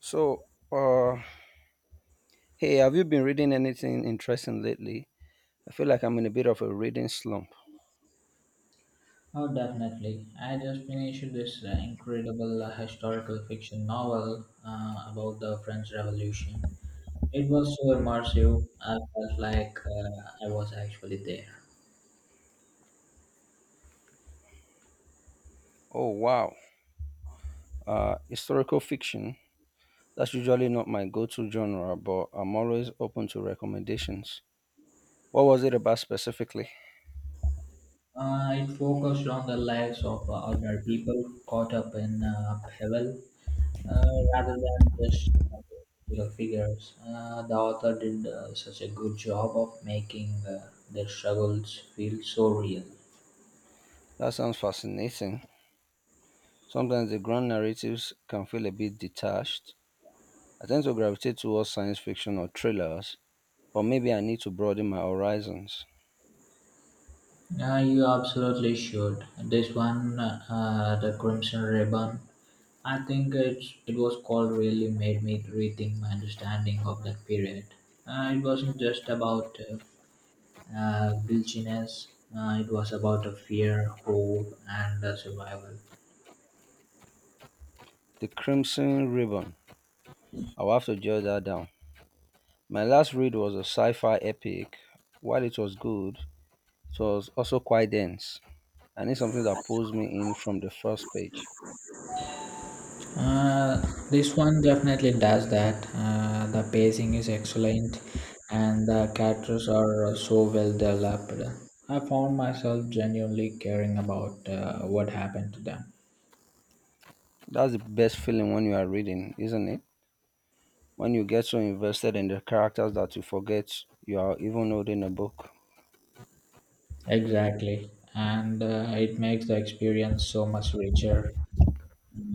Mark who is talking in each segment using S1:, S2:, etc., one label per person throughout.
S1: So, uh, Hey, have you been reading anything interesting lately? I feel like I'm in a bit of a reading slump.
S2: Oh, definitely. I just finished this incredible historical fiction novel about the French Revolution. It was so immersive, I felt like I was actually there.
S1: Oh, wow. Historical fiction. That's usually not my go to genre, but I'm always open to recommendations. What was it about specifically?
S2: It focused on the lives of ordinary people caught up in upheaval uh, rather than just uh, political figures. The author did such a good job of making their struggles feel so real.
S1: That sounds fascinating. Sometimes the grand narratives can feel a bit detached. I tend to gravitate towards science fiction or thrillers, but maybe I need to broaden my horizons.
S2: Yeah, you absolutely should. The Crimson Ribbon, I think it was called, really made me rethink my understanding of that period. It wasn't just about guiltiness, it was about a fear, hope, and survival.
S1: The Crimson Ribbon. I'll have to jot that down. My last read was a sci fi epic. While it was good, it was also quite dense. I need something that pulls me in from the first page.
S2: Uh, this one definitely does that. The pacing is excellent, and the characters are so well developed. I found myself genuinely caring about what happened to them.
S1: That's the best feeling when you are reading, isn't it? When you get so invested in the characters that you forget you are even holding a book.
S2: Exactly, and it makes the experience so much richer.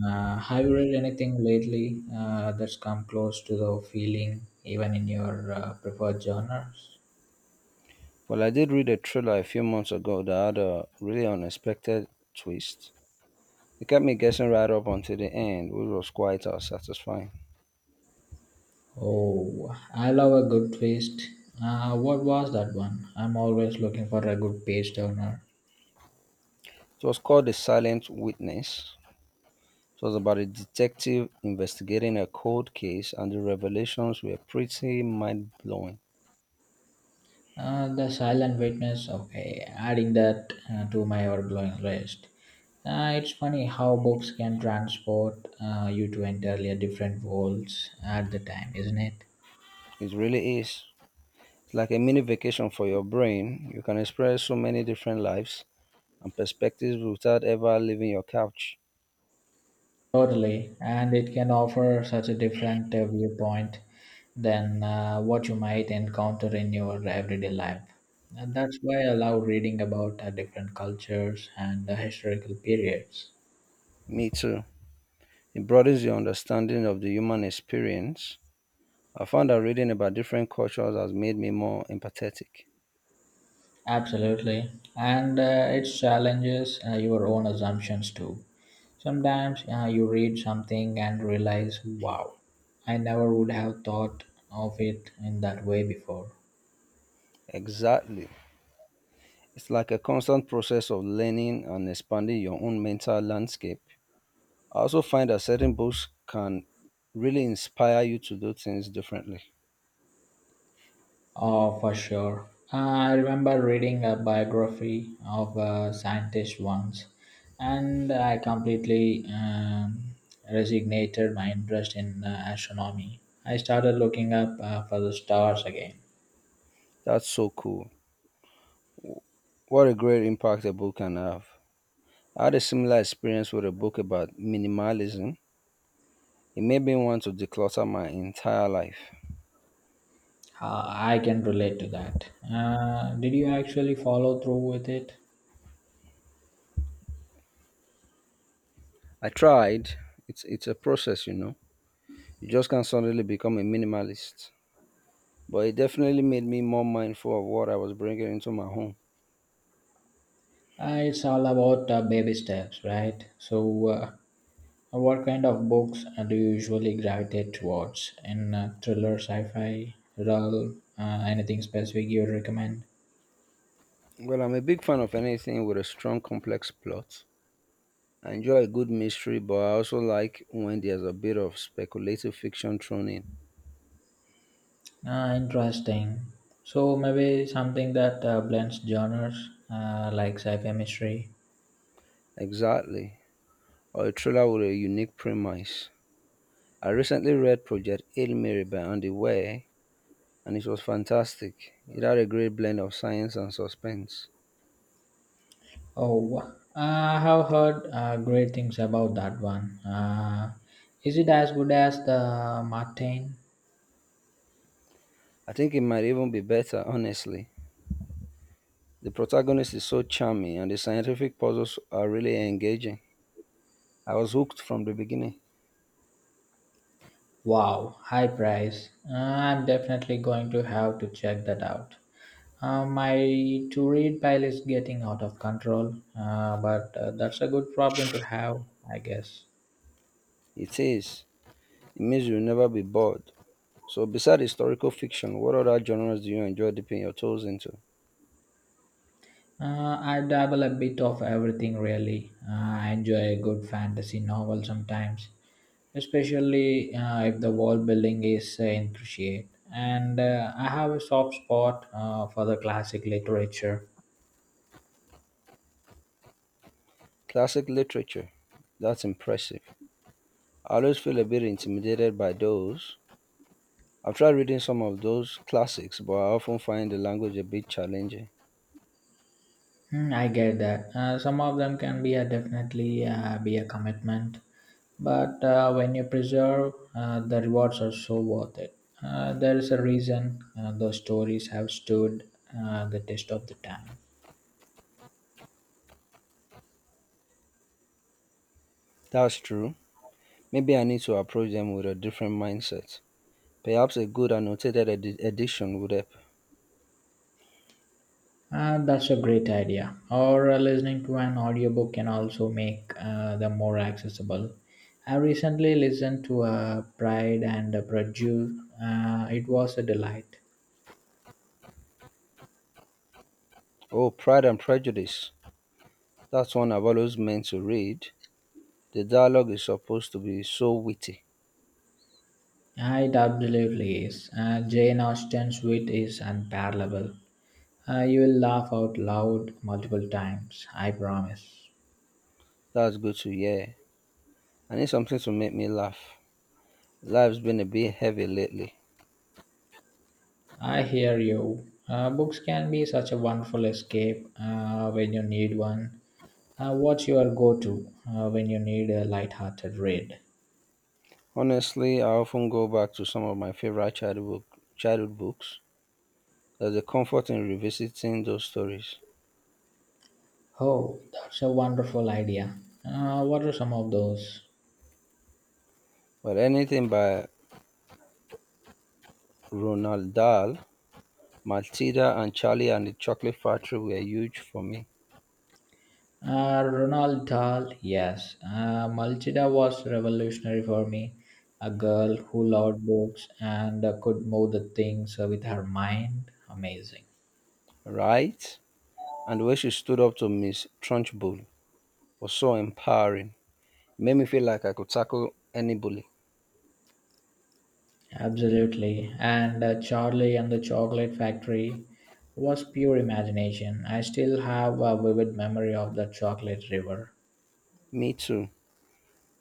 S2: Have you read anything lately that's come close to the feeling, even in your preferred genres?
S1: Well, I did read a thriller a few months ago that had a really unexpected twist. It kept me guessing right up until the end, which was quite satisfying.
S2: Oh, I love a good twist. What was that one? I'm always looking for a good page turner.
S1: It was called The Silent Witness. It was about a detective investigating a cold case, and the revelations were pretty mind blowing.
S2: The Silent Witness. Okay, adding that to my overglowing list. It's funny how books can transport you to entirely different worlds at the time, isn't it?
S1: It really is. It's like a mini vacation for your brain. You can experience so many different lives and perspectives without ever leaving your couch.
S2: Totally, and it can offer such a different viewpoint than what you might encounter in your everyday life. And that's why I love reading about different cultures and historical periods.
S1: Me too. It broadens your understanding of the human experience. I found that reading about different cultures has made me more empathetic.
S2: Absolutely, and it challenges your own assumptions too. Sometimes you read something and realize, wow, I never would have thought of it in that way before.
S1: Exactly. It's like a constant process of learning and expanding your own mental landscape. I also find that certain books can really inspire you to do things differently.
S2: Oh, for sure. Uh, I remember reading a biography of a scientist once, and I completely resigned my interest in astronomy. I started looking up for the stars again.
S1: That's so cool. What a great impact a book can have. I had a similar experience with a book about minimalism. It made me want to declutter my entire life.
S2: I can relate to that. Did you actually follow through with it?
S1: I tried. It's a process, you know. You just can't suddenly become a minimalist. But it definitely made me more mindful of what I was bringing into my home.
S2: It's all about baby steps, right? So, what kind of books do you usually gravitate towards in thriller, sci-fi, realm? Anything specific you would recommend?
S1: Well, I'm a big fan of anything with a strong, complex plot. I enjoy a good mystery, but I also like when there's a bit of speculative fiction thrown in.
S2: Ah, interesting. So maybe something that blends genres like sci-fi mystery.
S1: Exactly. Or a thriller with a unique premise. I recently read Project Hail Mary by Andy Weir, and it was fantastic. It had a great blend of science and suspense.
S2: Oh, I have heard great things about that one. Is it as good as the Martin?
S1: I think it might even be better, honestly. The protagonist is so charming, and the scientific puzzles are really engaging. I was hooked from the beginning.
S2: Wow, high price. I'm definitely going to have to check that out. My to read pile is getting out of control, but that's a good problem to have, I guess.
S1: It is. It means you'll never be bored. So, beside historical fiction, what other genres do you enjoy dipping your toes into?
S2: I dabble a bit of everything really. I enjoy a good fantasy novel sometimes, especially if the world building is intricate. And I have a soft spot for the classic literature.
S1: Classic literature. That's impressive. I always feel a bit intimidated by those. I've tried reading some of those classics, but I often find the language a bit challenging.
S2: Mm, I get that. Some of them can be a definitely be a commitment, but when you preserve, the rewards are so worth it. There is a reason those stories have stood the test of the time.
S1: That's true. Maybe I need to approach them with a different mindset. Perhaps a good edition would help.
S2: That's a great idea. Or listening to an audiobook can also make them more accessible. I recently listened to Pride and Prejudice. It was a delight.
S1: Oh, Pride and Prejudice. That's one I've always meant to read. The dialogue is supposed to be so witty.
S2: Yeah, it absolutely is. Jane Austen's wit is unparalleled. You will laugh out loud multiple times, I promise.
S1: That's good to hear. I need something to make me laugh. Life's been a bit heavy lately.
S2: I hear you. Books can be such a wonderful escape when you need one. What's your go to when you need a light hearted read?
S1: Honestly, I often go back to some of my favorite childhood books. There's a comfort in revisiting those stories.
S2: Oh, that's a wonderful idea. What are some of those?
S1: But anything by Ronald Dahl, Matilda, and Charlie and the Chocolate Factory were huge for me,
S2: Ronald Dahl, yes. Malchida was revolutionary for me. A girl who loved books and could move the things with her mind. Amazing.
S1: right? And the way she stood up to Miss Trunchbull was so empowering. It made me feel like I could tackle any bully.
S2: Absolutely. And Charlie and the Chocolate Factory was pure imagination. I still have a vivid memory of the chocolate river.
S1: Me too.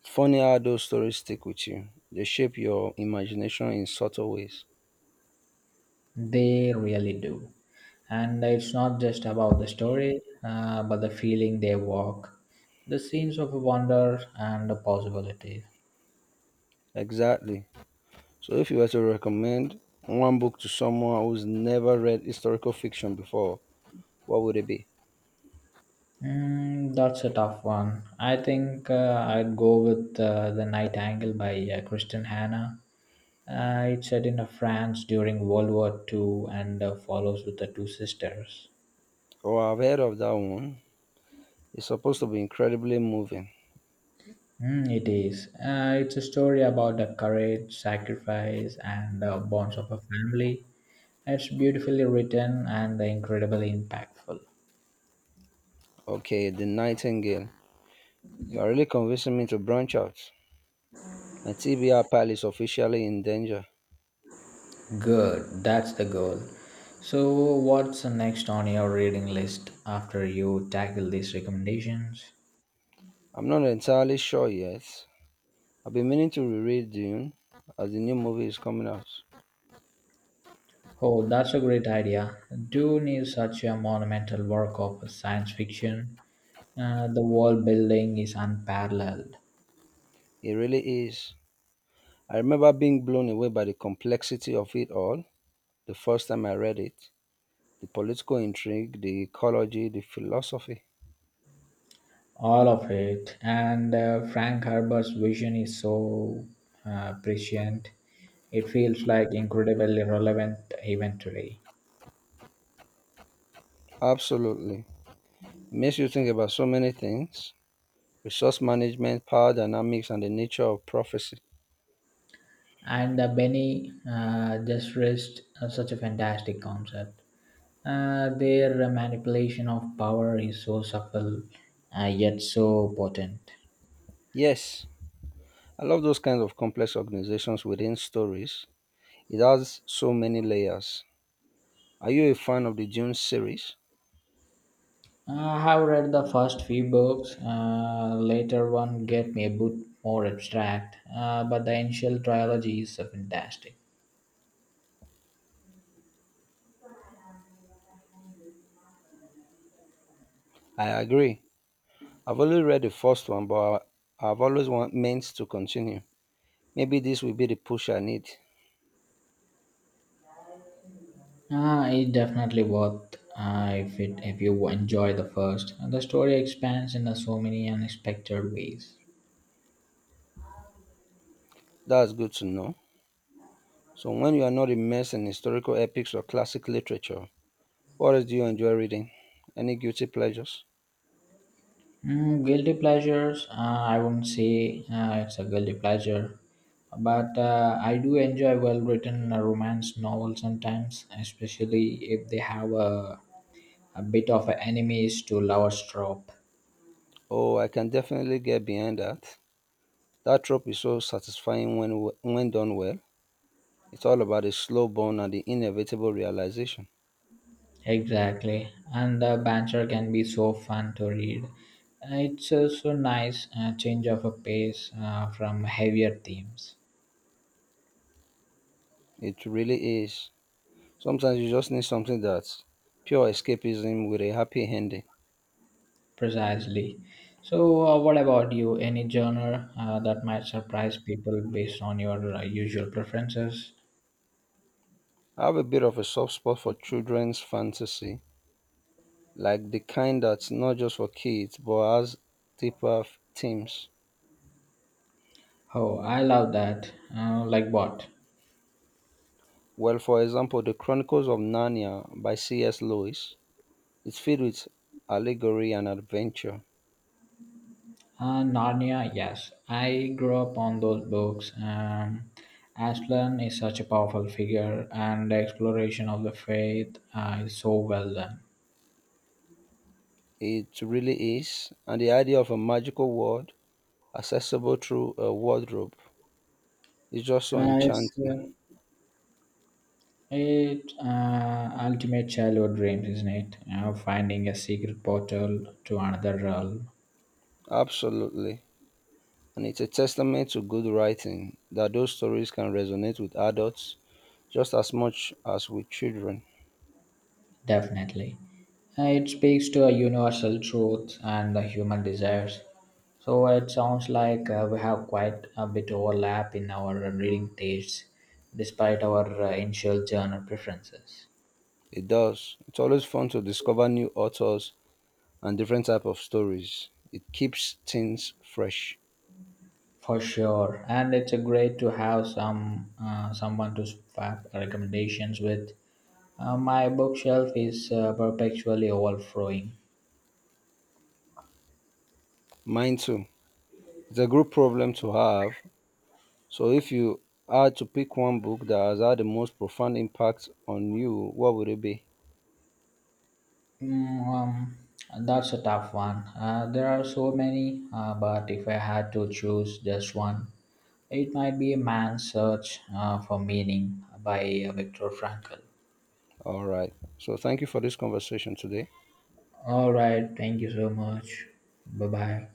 S1: Funny how those stories stick with you. They shape your imagination in subtle ways.
S2: They really do. And it's not just about the story, but the feeling they walk, the scenes of wonder and the possibilities.
S1: Exactly. So, if you were to recommend one book to someone who's never read historical fiction before, what would it be?
S2: Mm, that's a tough one. I think I'd go with The Night Angle by Kristen Hanna. It's set in France during World War Two and follows with the two sisters.
S1: Oh, I've heard of that one. It's supposed to be incredibly moving.
S2: Mm, it is. It's a story about the courage, sacrifice, and the bonds of a family. It's beautifully written and incredibly impactful.
S1: Okay, The Nightingale. You are really convincing me to branch out. My TBR pile is officially in danger.
S2: Good, that's the goal. So, what's next on your reading list after you tackle these recommendations?
S1: I'm not entirely sure yet. I've been meaning to reread Dune as the new movie is coming out.
S2: Oh, that's a great idea. Dune is such a monumental work of science fiction. The world building is unparalleled.
S1: It really is. I remember being blown away by the complexity of it all the first time I read it. The political intrigue, the ecology, the philosophy.
S2: All of it. And Frank Herbert's vision is so prescient, it feels like incredibly relevant even today.
S1: Absolutely. Makes you think about so many things, resource management, power dynamics, and the nature of prophecy.
S2: And Benny just raised such a fantastic concept. Their manipulation of power is so subtle, yet so potent.
S1: Yes, I love those kinds of complex organizations within stories. It has so many layers. Are you a fan of the Dune series?
S2: I have read the first few books. Later one get me a bit more abstract, but the initial trilogy is fantastic.
S1: I agree. I've only read the first one, but I've meant to continue. Maybe this will be the push I need.
S2: Ah, it's definitely worth if you enjoy the first. The story expands in so many unexpected ways.
S1: That's good to know. So, when you are not immersed in historical epics or classic literature, what else do you enjoy reading? Any guilty pleasures?
S2: Mm, guilty pleasures. I wouldn't say it's a guilty pleasure, but I do enjoy well-written romance novels sometimes, especially if they have a bit of an enemies to lovers trope.
S1: Oh, I can definitely get behind that. That trope is so satisfying when done well. It's all about the slow burn and the inevitable realization.
S2: Exactly, and the banter can be so fun to read. It's so nice change of a pace from heavier themes.
S1: It really is. Sometimes you just need something that's pure escapism with a happy ending.
S2: Precisely. So, what about you? Any genre that might surprise people based on your usual preferences?
S1: I have a bit of a soft spot for children's fantasy, like the kind that's not just for kids but has themes.
S2: Oh, I love that. Like what?
S1: Well, for example, The Chronicles of Narnia by C.S. Lewis. It's filled with allegory and adventure.
S2: Narnia, yes. I grew up on those books. Aslan is such a powerful figure, and the exploration of the faith is so well done.
S1: It really is. And the idea of a magical world accessible through a wardrobe is just so
S2: Uh, it's uh,
S1: enchanting.
S2: Ultimate childhood dreams, isn't it? Finding a secret portal to another realm.
S1: Absolutely. And it's a testament to good writing that those stories can resonate with adults just as much as with children.
S2: Definitely. It speaks to a universal truth and the human desires. So it sounds like we have quite a bit overlap in our reading tastes, despite our initial genre preferences.
S1: It does. It's always fun to discover new authors and different type of stories. It keeps things fresh.
S2: For sure, and it's a great to have some someone to swap recommendations with. My bookshelf is perpetually overflowing.
S1: Mine too. It's a good problem to have. So if you had to pick one book that has had the most profound impact on you, what would it be?
S2: Mm, um, that's a tough one. There are so many, but if I had to choose just one, it might be Man's Search for Meaning by Viktor Frankl.
S1: All right. So thank you for this conversation today. Bye.
S2: All right, thank you so much. Bye bye.